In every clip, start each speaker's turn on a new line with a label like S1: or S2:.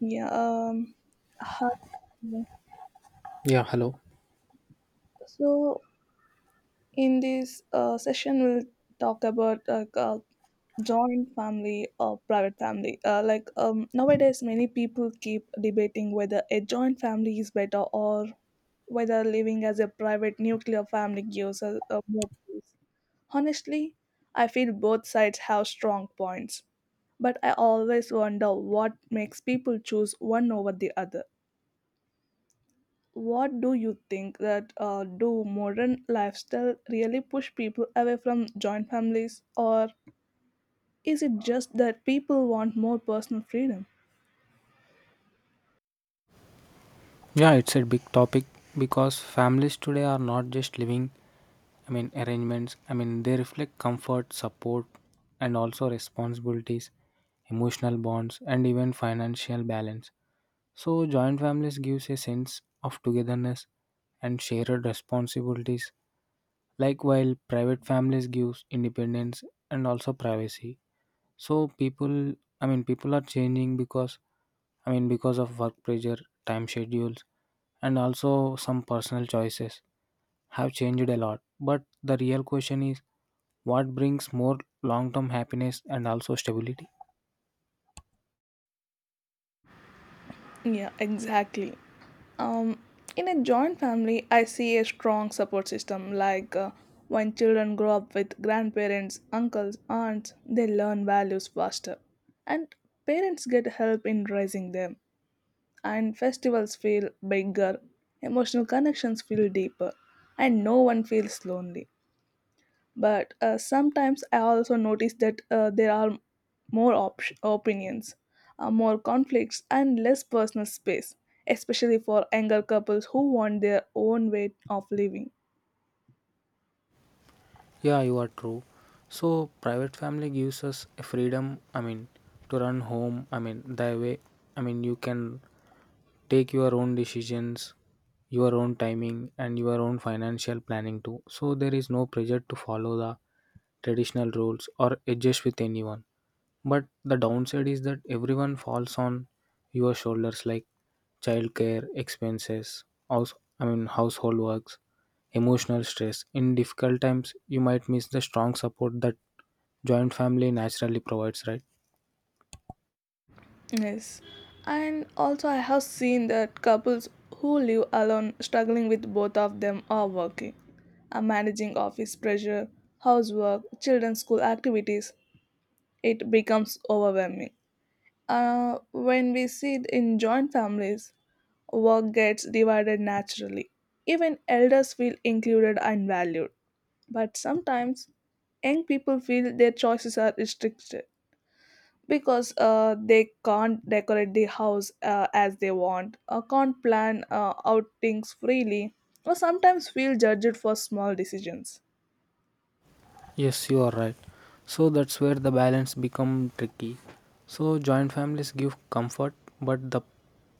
S1: Yeah. How-
S2: Yeah, hello.
S1: so in this session, we'll talk about joint family or private family. Nowadays, many people keep debating whether a joint family is better or whether living as a private nuclear family gives us more peace. Honestly, I feel both sides have strong points, but I always wonder what makes people choose one over the other. What do you think that do modern lifestyle really push people away from joint families, or is it just that people want more personal freedom?
S2: Yeah, it's a big topic because families today are not just living, I mean, arrangements. I mean, they reflect comfort, support, and also responsibilities, emotional bonds, and even financial balance. So, joint families gives a sense of togetherness and shared responsibilities, like while private families gives independence and also privacy. So people, I mean, people are changing because, I mean, because of work pressure, time schedules, and also some personal choices have changed a lot. But the real question is what brings more long term happiness and also stability?
S1: Yeah, exactly. Um, in a joint family, I see a strong support system. Like when children grow up with grandparents, uncles, aunts, they learn values faster, and parents get help in raising them. And festivals feel bigger, emotional connections feel deeper, and no one feels lonely. But sometimes I also notice that there are opinions, more conflicts, and less personal space, especially for younger couples who want their own way of living.
S2: Yeah, you are true. So, private family gives us a freedom, I mean, to run home, I mean, the way, I mean, you can take your own decisions, your own timing, and your own financial planning too, so there is no pressure to follow the traditional rules or adjust with anyone. But the downside is that everyone falls on your shoulders, like childcare, expenses, house I mean household works, emotional stress in difficult times. You might miss the strong support that joint family naturally provides, right?
S1: Yes. And also, I have seen that couples who live alone struggling with both of them are working, are managing office pressure, housework, children's school activities. It becomes overwhelming. When we see it in joint families, work gets divided naturally. Even elders feel included and valued. But sometimes, young people feel their choices are restricted because they can't decorate the house as they want, can't plan outings freely, or sometimes feel judged for small decisions.
S2: Yes, you are right. So that's where the balance become tricky. So joint families give comfort, but the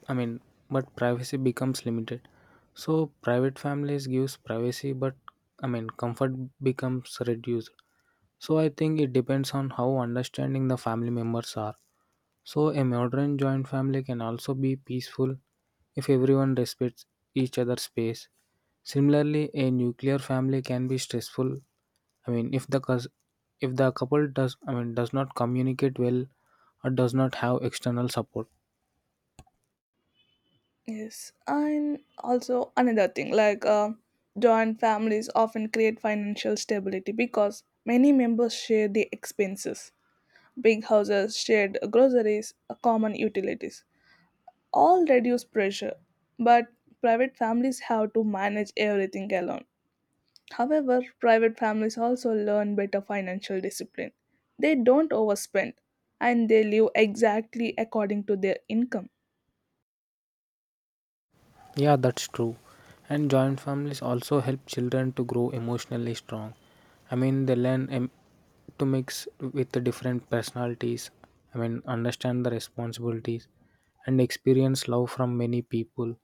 S2: I mean, but privacy becomes limited. So private families gives privacy, but I mean, comfort becomes reduced. So I think it depends on how understanding the family members are. So a modern joint family can also be peaceful if everyone respects each other's space. Similarly, a nuclear family can be stressful, I mean, if the couple does, I mean, does not communicate well or does not have external support.
S1: Yes, and also another thing like joint families often create financial stability because many members share the expenses. Big houses, shared groceries, common utilities all reduce pressure, but private families have to manage everything alone. However, private families also learn better financial discipline. They don't overspend and they live exactly according to their income.
S2: Yeah, that's true. And joint families also help children to grow emotionally strong. I mean, they learn to mix with the different personalities. I mean, understand the responsibilities and experience love from many people.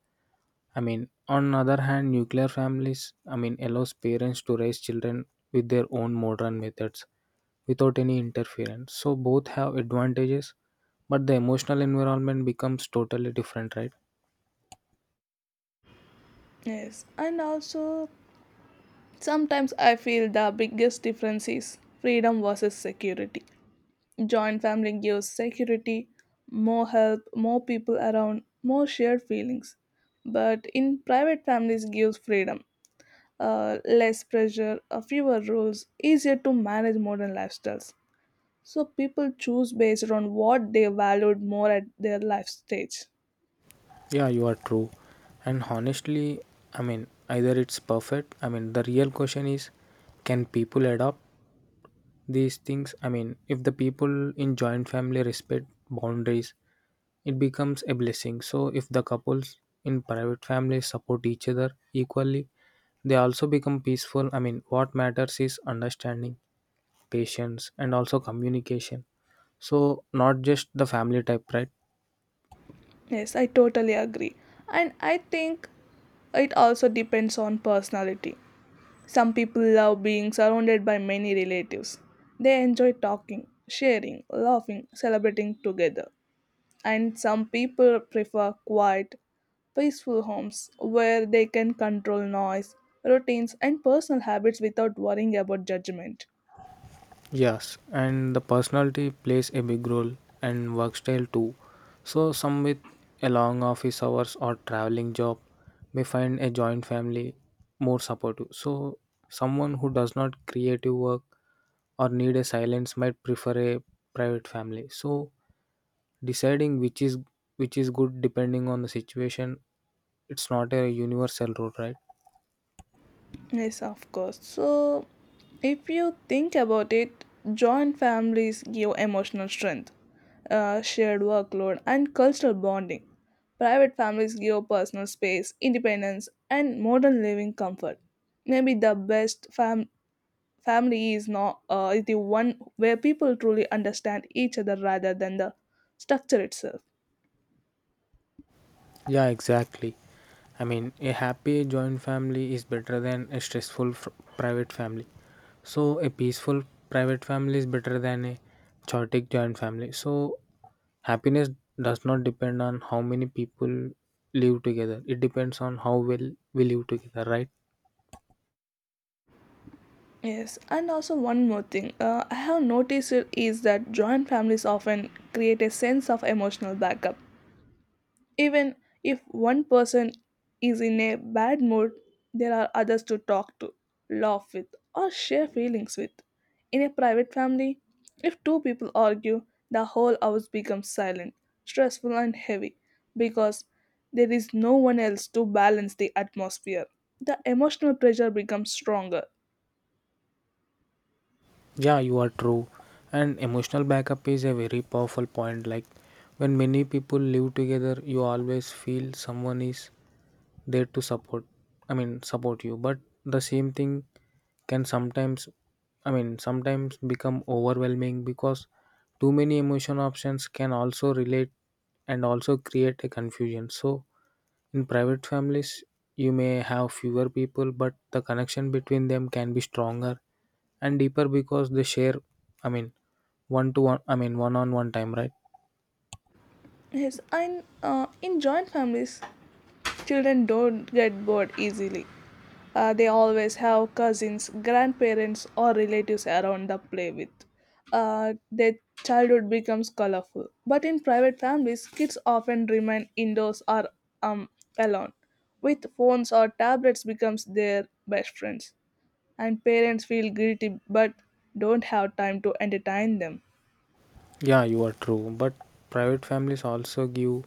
S2: I mean, on other hand, nuclear families, I mean, allows parents to raise children with their own modern methods without any interference. So both have advantages, but the emotional environment becomes totally different, right?
S1: Yes, and also sometimes I feel the biggest difference is freedom versus security. Joint family gives security, more help, more people around, more shared feelings. But in private families gives freedom, less pressure, fewer rules, easier to manage modern lifestyles. So people choose based on what they valued more at their life stage.
S2: Yeah, you are true. And honestly, I mean, either it's perfect. I mean, the real question is, can people adopt these things? I mean, if the people in joint family respect boundaries, it becomes a blessing. So if the couples in private families support each other equally, they also become peaceful. I mean, what matters is understanding, patience, and also communication, so not just the family type, right?
S1: Yes, I totally agree. And I think it also depends on personality. Some people love being surrounded by many relatives. They enjoy talking, sharing, laughing, celebrating together. And some people prefer quiet, peaceful homes where they can control noise, routines, and personal habits without worrying about judgment.
S2: Yes, and the personality plays a big role, and work style too. So some with a long office hours or traveling job may find a joint family more supportive. So someone who does not creative work or need a silence might prefer a private family. So deciding which is good depending on the situation, it's not a universal rule, right?
S1: Yes, of course. So, if you think about it, joint families give emotional strength, shared workload, and cultural bonding. Private families give personal space, independence, and modern living comfort. Maybe family is not, is the one where people truly understand each other rather than the structure itself.
S2: Yeah, exactly. I mean, a happy joint family is better than a stressful private family. So, a peaceful private family is better than a chaotic joint family. So, happiness does not depend on how many people live together, it depends on how well we live together, right?
S1: Yes, and also one more thing I have noticed it is that joint families often create a sense of emotional backup. Even if one person is in a bad mood, there are others to talk to, laugh with, or share feelings with. In a private family, if two people argue, the whole house becomes silent, stressful, and heavy because there is no one else to balance the atmosphere. The emotional pressure becomes stronger.
S2: Yeah, you are true. And emotional backup is a very powerful point. Like, when many people live together, you always feel someone is there to support I mean support you. But the same thing can sometimes I mean sometimes become overwhelming because too many emotion options can also relate and also create a confusion. So in private families, you may have fewer people, but the connection between them can be stronger and deeper because they share, I mean one to one I mean one on one time, right?
S1: Yes, and in joint families, children don't get bored easily. They always have cousins, grandparents, or relatives around to play with. Their childhood becomes colorful. But in private families, kids often remain indoors or um, alone, with phones or tablets becomes their best friends. And parents feel guilty but don't have time to entertain them.
S2: Yeah, you are true. But private families also give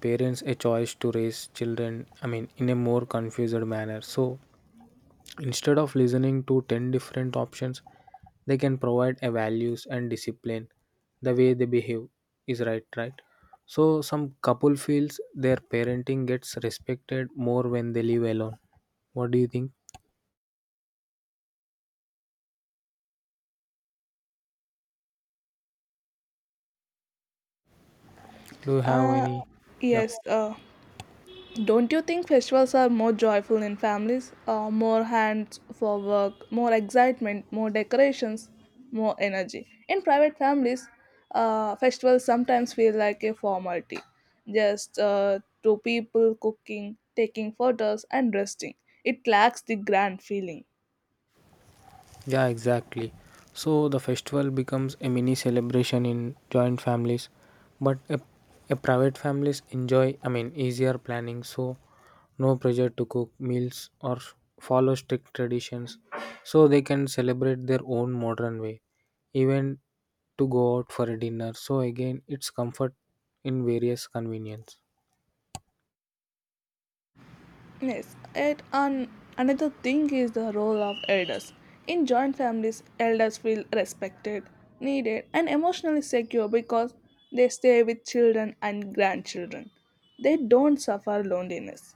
S2: parents a choice to raise children, I mean, in a more confused manner. So instead of listening to 10 different options, they can provide a values and discipline. The way they behave is right, right? So some couple feels their parenting gets respected more when they live alone. What do you think? Do you have
S1: Uh,
S2: any? Yeah.
S1: yes, uh, Don't you think festivals are more joyful in families? More hands for work, more excitement, more decorations, more energy. In private families, festivals sometimes feel like a formality, just two people cooking, taking photos, and resting. It lacks the grand feeling.
S2: Yeah, exactly. So the festival becomes a mini celebration in joint families, but a private families enjoy, I mean, easier planning. So no pressure to cook meals or follow strict traditions. So they can celebrate their own modern way, even to go out for a dinner. So again, it's comfort in various convenience.
S1: Yes, and another thing is the role of elders. In joint families, elders feel respected, needed, and emotionally secure because they stay with children and grandchildren. They don't suffer loneliness.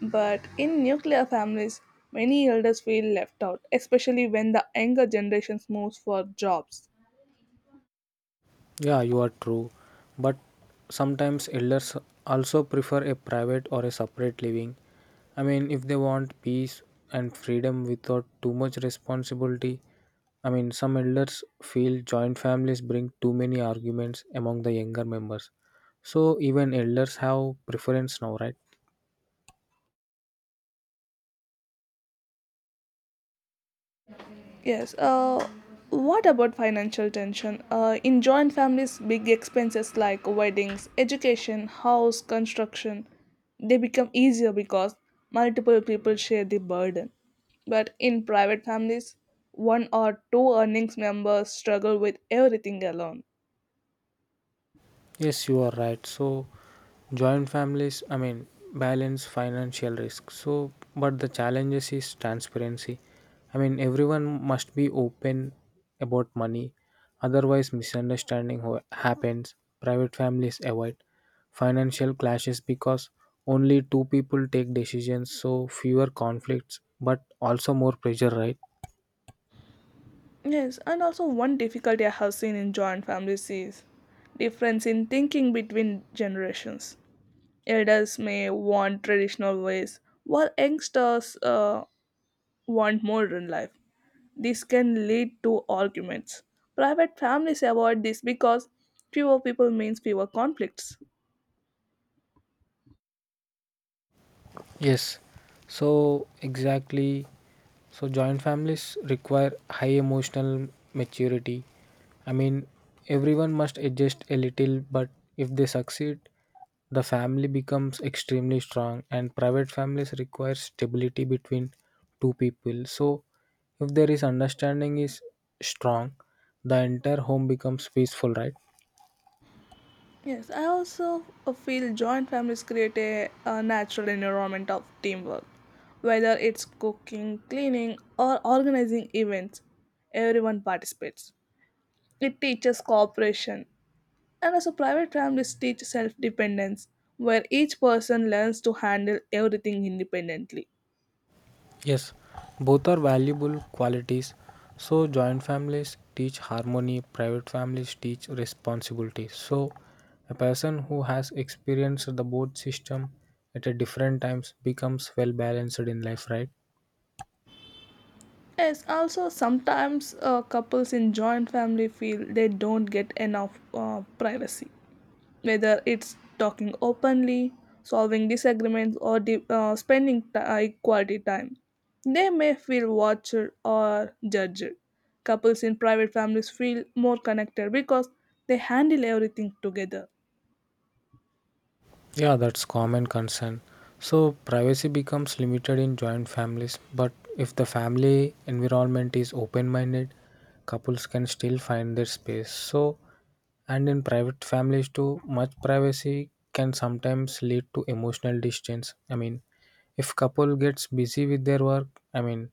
S1: But in nuclear families, many elders feel left out, especially when the younger generations moves for jobs.
S2: Yeah, you are true. But sometimes elders also prefer a private or a separate living. I mean, if they want peace and freedom without too much responsibility. I mean, some elders feel joint families bring too many arguments among the younger members. So even elders have preference now, right?
S1: Yes. What about financial tension? In joint families, big expenses like weddings, education, house construction, they become easier because multiple people share the burden. But in private families, one or two earnings members struggle with everything alone.
S2: Yes, you are right. So, joint families, I mean, balance financial risk. So, but the challenges is transparency. I mean, everyone must be open about money, otherwise, misunderstanding happens. Private families avoid financial clashes because only two people take decisions, so fewer conflicts, but also more pressure, right?
S1: Yes, and also one difficulty I have seen in joint families is difference in thinking between generations. Elders may want traditional ways, while youngsters want modern life. This can lead to arguments. Private families avoid this because fewer people means fewer conflicts.
S2: Yes, so exactly. So joint families require high emotional maturity. I mean, everyone must adjust a little, but if they succeed, the family becomes extremely strong. And private families require stability between two people. So if there is understanding is strong, the entire home becomes peaceful, right?
S1: Yes, I also feel joint families create a natural environment of teamwork. Whether it's cooking, cleaning, or organizing events, everyone participates. It teaches cooperation. And also, private families teach self dependence, where each person learns to handle everything independently.
S2: Yes, both are valuable qualities. So, joint families teach harmony, private families teach responsibility. So, a person who has experienced the both system at a different times becomes well balanced in life, right?
S1: Yes, also, sometimes couples in joint family feel they don't get enough privacy, whether it's talking openly, solving disagreements, or quality time. They may feel watched or judged. Couples in private families feel more connected because they handle everything together.
S2: Yeah, that's common concern. So, privacy becomes limited in joint families, but if the family environment is open minded, couples can still find their space. So, and in private families too, much privacy can sometimes lead to emotional distance. I mean, if couple gets busy with their work, I mean,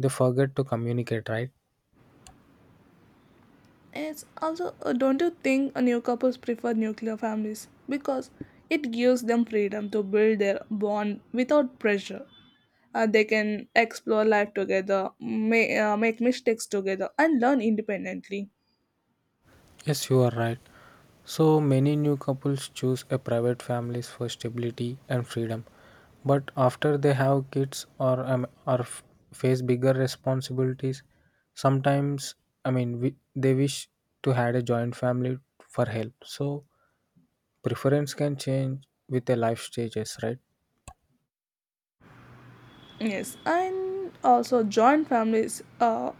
S2: they forget to communicate, right?
S1: It's also, don't you think new couples prefer nuclear families? Because it gives them freedom to build their bond without pressure. They can explore life together, make mistakes together, and learn independently.
S2: Yes, you are right. So many new couples choose a private families for stability and freedom. But after they have kids or face bigger responsibilities, sometimes I mean they wish to had a joint family for help. So preference can change with the life stages, right?
S1: Yes, and also joint families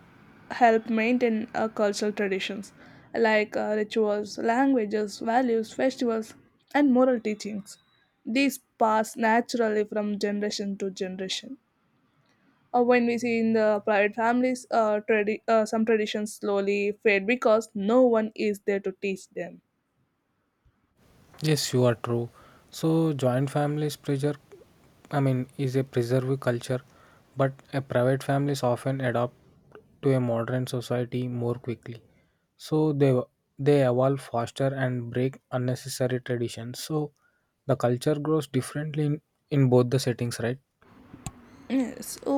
S1: help maintain cultural traditions like rituals, languages, values, festivals, and moral teachings. These pass naturally from generation to generation. When we see in the private families some traditions slowly fade because no one is there to teach them.
S2: Yes, you are true. So joint families pressure, I mean, is a preserve culture. But a private families often adapt to a modern society more quickly, so they evolve faster and break unnecessary traditions. So the culture grows differently in both the settings, right?
S1: Yes. So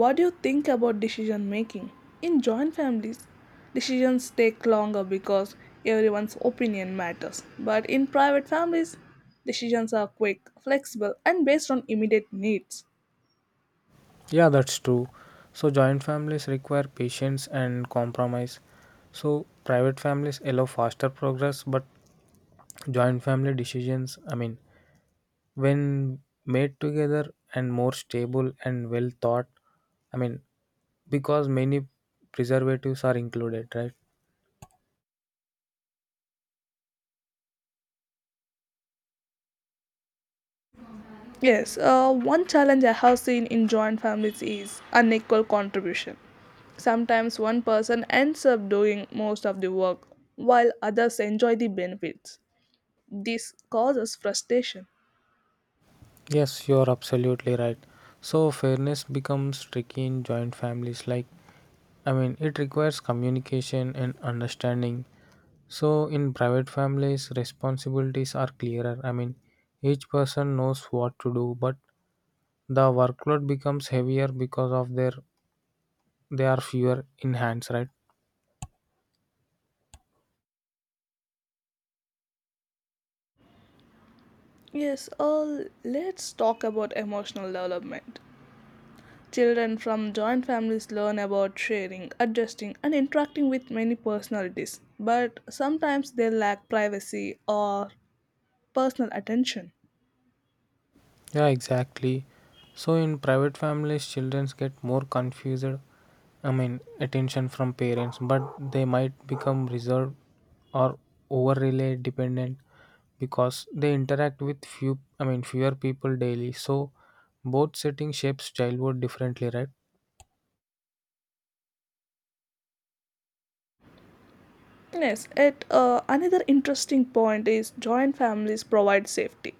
S1: what do you think about decision making in joint families? Decisions take longer because everyone's opinion matters, but in private families decisions are quick, flexible, and based on immediate needs.
S2: Yeah, that's true. So, joint families require patience and compromise. So, private families allow faster progress, but joint family decisions, I mean, when made together and more stable and well thought, I mean, because many preservatives are included, right?
S1: Yes, one challenge I have seen in joint families is unequal contribution. Sometimes one person ends up doing most of the work while others enjoy the benefits. This causes frustration.
S2: Yes, you're absolutely right. So, fairness becomes tricky in joint families, like I mean, it requires communication and understanding. So, in private families, responsibilities are clearer. I mean, each person knows what to do, but the workload becomes heavier because of their they are fewer in hands, right?
S1: Yes, let's talk about emotional development. Children from joint families learn about sharing, adjusting, and interacting with many personalities, but sometimes they lack privacy or personal attention.
S2: Yeah, exactly. So in private families, children get more confused. I mean, attention from parents, but they might become reserved or overly dependent because they interact with few. I mean, fewer people daily. So both setting shapes childhood differently, right?
S1: Yes, at another interesting point is joint families provide safety.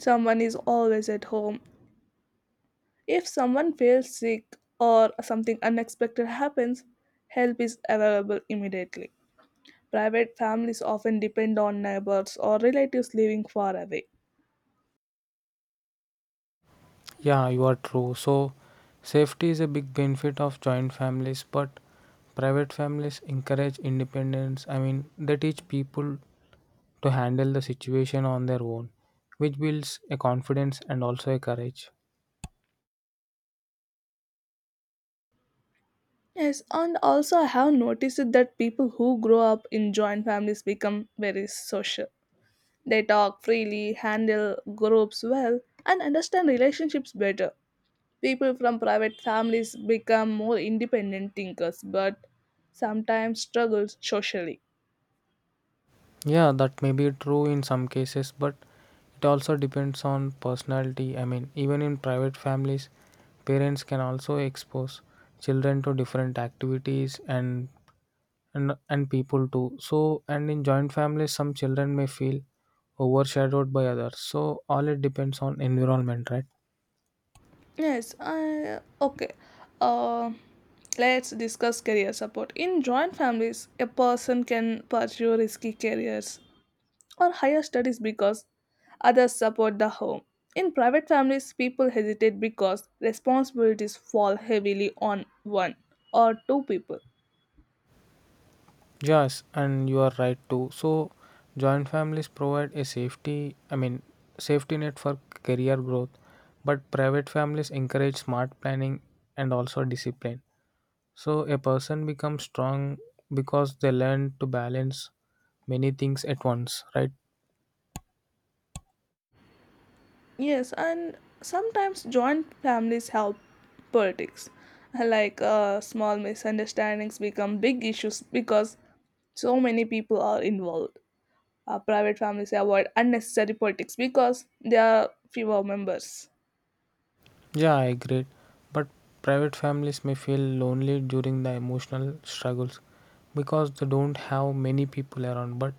S1: Someone is always at home. If someone feels sick or something unexpected happens, help is available immediately. Private families often depend on neighbors or relatives living far away.
S2: Yeah, you are true. So safety is a big benefit of joint families, but private families encourage independence. I mean, they teach people to handle the situation on their own, which builds a confidence and also a courage.
S1: Yes, and also I have noticed that people who grow up in joint families become very social. They talk freely, handle groups well, and understand relationships better. People from private families become more independent thinkers but sometimes struggle socially.
S2: Yeah, that may be true in some cases, but it also depends on personality. I mean, even in private families, parents can also expose children to different activities and people too. So, and in joint families, some children may feel overshadowed by others. So, all it depends on environment, right?
S1: Yes, I, okay. Uh, let's discuss career support. In joint families, a person can pursue risky careers or higher studies because others support the home. In private families, people hesitate because responsibilities fall heavily on one or two people.
S2: Yes, and you are right too. So, joint families provide a safety, I mean, safety net for career growth, but private families encourage smart planning and also discipline. So, a person becomes strong because they learn to balance many things at once, right?
S1: Yes, and sometimes joint families help politics. Like small misunderstandings become big issues because so many people are involved. Private families avoid unnecessary politics because there are fewer members.
S2: Yeah, I agree. But private families may feel lonely during the emotional struggles because they don't have many people around. But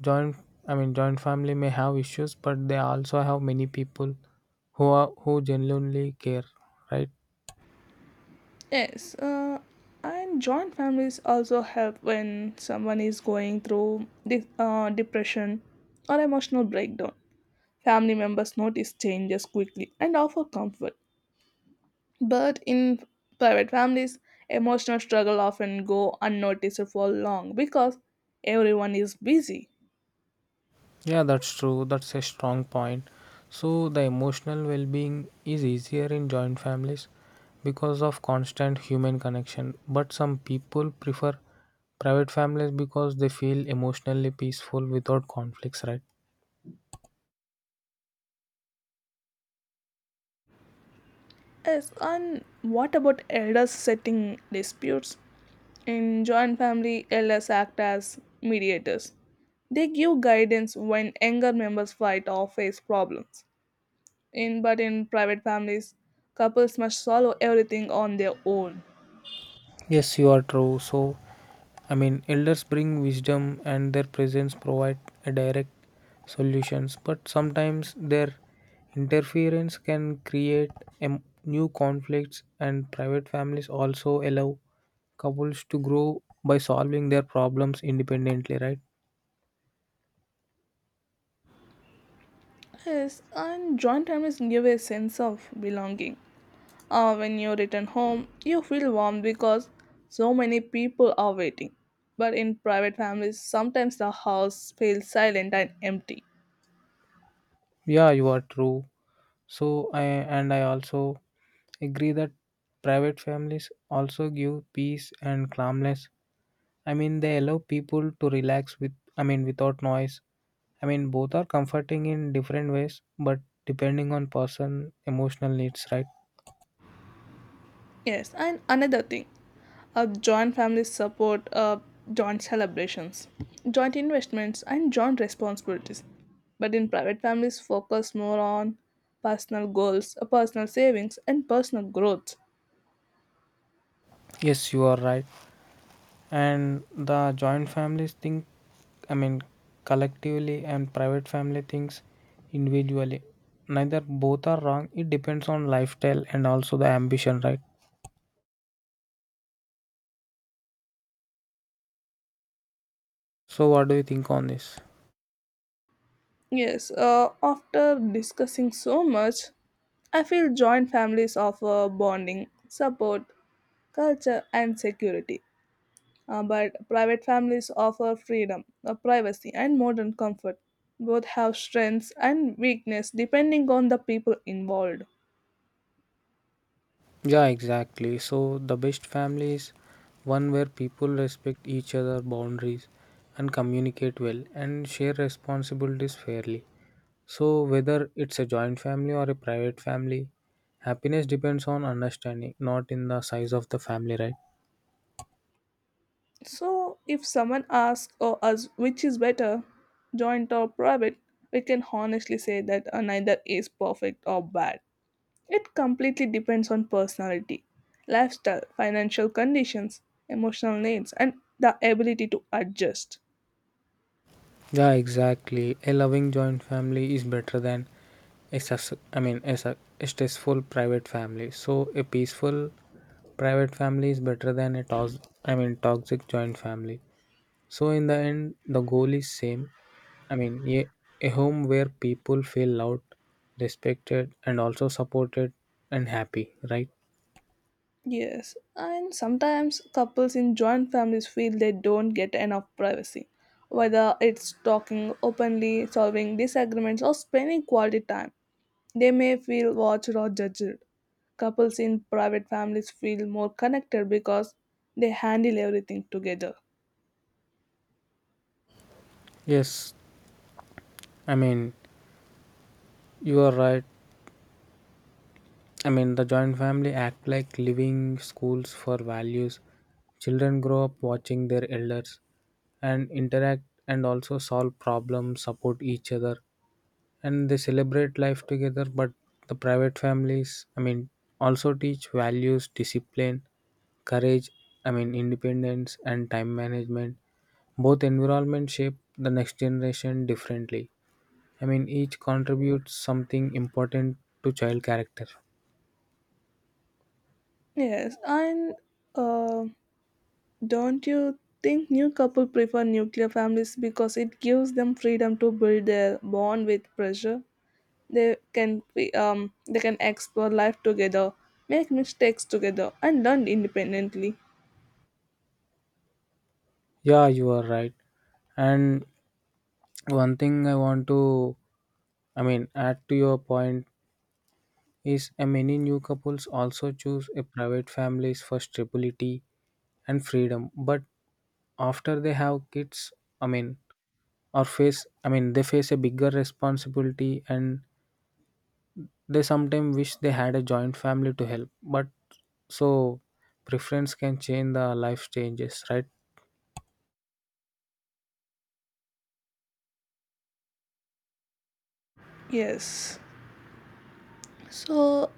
S2: joint I mean joint family may have issues but they also have many people who genuinely care, right?
S1: Yes, and joint families also help when someone is going through depression or emotional breakdown. Family members notice changes quickly and offer comfort. But in private families, emotional struggle often go unnoticed for long because everyone is busy.
S2: Yeah, that's true. That's a strong point. So the emotional well-being is easier in joint families because of constant human connection, but some people prefer private families because they feel emotionally peaceful without conflicts, right?
S1: Yes, and what about elders setting disputes? In joint family, elders act as mediators. They give guidance when younger members fight or face problems. In but in private families, couples must solve everything on their own.
S2: Yes, you are true. So, I mean, elders bring wisdom and their presence provide a direct solutions, but sometimes their interference can create new conflicts, and private families also allow couples to grow by solving their problems independently, right?
S1: Yes, and joint families give a sense of belonging. When you return home, you feel warm because so many people are waiting. But in private families, sometimes the house feels silent and empty.
S2: Yeah, you are true. So, I also agree that private families also give peace and calmness. I mean, they allow people to relax with, I mean, without noise. I mean, both are comforting in different ways, but depending on person emotional needs, right?
S1: Yes, and another thing, joint families support joint celebrations, joint investments, and joint responsibilities. But in private families, focus more on personal goals, personal savings, and personal growth.
S2: Yes, you are right. And the joint families think, I mean, collectively, and private family thinks individually. Neither both are wrong. It depends on lifestyle and also the ambition, right? So, what do you think on this?
S1: Yes, after discussing so much, I feel joint families offer bonding, support, culture, and security. But private families offer freedom, privacy, and modern comfort. Both have strengths and weakness depending on the people involved.
S2: Yeah, exactly. So the best family is one where people respect each other boundaries and communicate well and share responsibilities fairly. So whether it's a joint family or a private family, happiness depends on understanding, not in the size of the family, right?
S1: So, if someone asks or us which is better, joint or private, we can honestly say that neither is perfect or bad. It completely depends on personality, lifestyle, financial conditions, emotional needs, and the ability to adjust.
S2: Yeah, exactly. A loving joint family is better than I mean, a stressful private family. So a peaceful private family is better than a I mean, toxic joint family. So in the end, the goal is same. I mean, a home where people feel loved, respected, and also supported, and happy, right?
S1: Yes, and sometimes couples in joint families feel they don't get enough privacy, whether it's talking openly, solving disagreements, or spending quality time. They may feel watched or judged. Couples in private families feel more connected because they handle everything together.
S2: Yes, I mean, you are right. I mean, the joint family act like living schools for values. Children grow up watching their elders and interact and also solve problems, support each other, and they celebrate life together. But the private families, I mean, also teach values, discipline, courage, I mean, independence, and time management. Both environments shape the next generation differently. I mean, each contributes something important to child character.
S1: Yes, and uh, don't you think new couple prefer nuclear families because it gives them freedom to build their bond with pressure? They can explore life together, make mistakes together, and learn independently.
S2: Yeah, you are right. And one thing I want to, I mean, add to your point is many new couples also choose a private families for stability and freedom. But after they have kids, I mean, or face, I mean, they face a bigger responsibility, and they sometimes wish they had a joint family to help, but so preference can change the life changes, right?
S1: Yes. So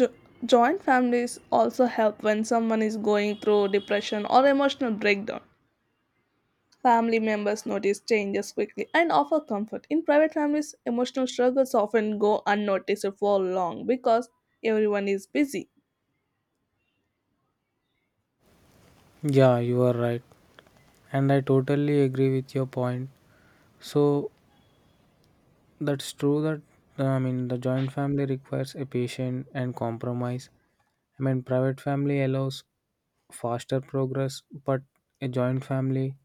S1: jo- joint families also help when someone is going through depression or emotional breakdown. Family members notice changes quickly and offer comfort. In private families, emotional struggles often go unnoticed for long because everyone is busy.
S2: Yeah, you are right. And I totally agree with your point. So that's true that I mean, the joint family requires a patient and compromise. I mean, private family allows faster progress, but a joint family,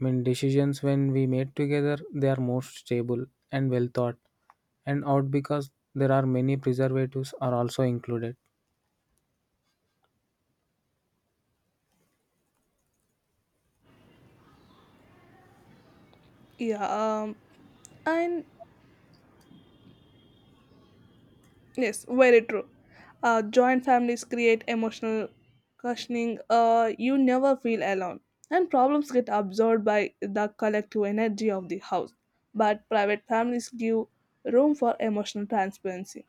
S2: I mean, decisions when we made together they are more stable and well thought and out because there are many preservatives are also included.
S1: Yeah, and Yes, very true. Joint families create emotional cushioning. You never feel alone, and problems get absorbed by the collective energy of the house. But private families give room for emotional transparency.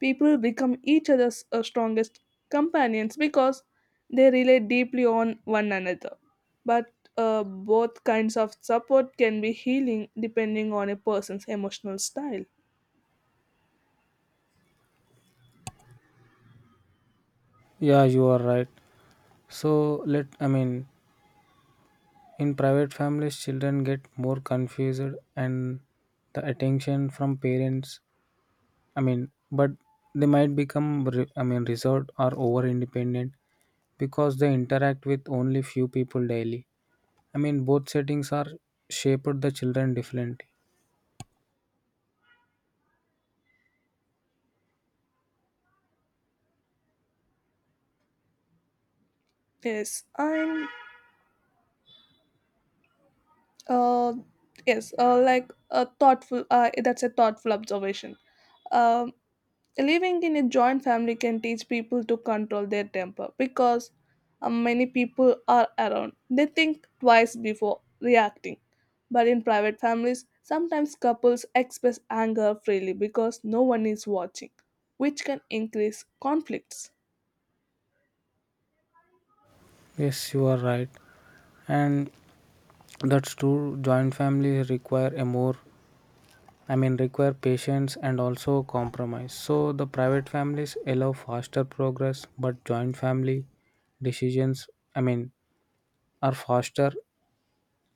S1: People become each other's strongest companions because they rely deeply on one another. But both kinds of support can be healing depending on a person's emotional style.
S2: Yeah, you are right. So let I mean, in private families children get more confused, and the attention from parents, I mean, but they might become I mean, reserved or over independent because they interact with only few people daily. I mean, both settings are shaped the children differently.
S1: Yes, I'm. Uh, yes, like a thoughtful. That's a thoughtful observation. Um, Living in a joint family can teach people to control their temper because many people are around. They think twice before reacting. But in private families, sometimes couples express anger freely because no one is watching, which can increase conflicts.
S2: Yes, you are right. And that's true joint families require a more I mean, require patience and also compromise. So, the private families allow faster progress, but joint family decisions, I mean, are faster.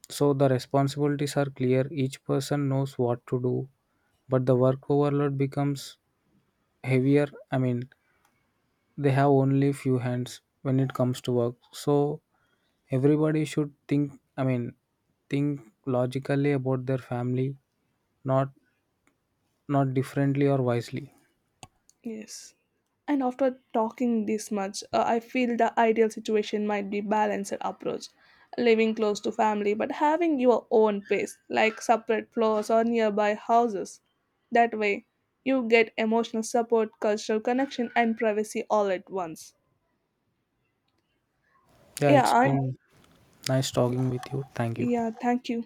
S2: So, the responsibilities are clear, each person knows what to do, but the work overload becomes heavier. I mean, they have only few hands when it comes to work. So, everybody should I mean, think logically about their family, not not differently or wisely.
S1: Yes. And after talking this much, I feel the ideal situation might be balanced approach. Living close to family, but having your own place, like separate floors or nearby houses. That way, you get emotional support, cultural connection, and privacy all at once.
S2: Yeah,
S1: Yeah,
S2: it's
S1: and
S2: been. Nice talking with you. Thank you.
S1: yeah, thank you.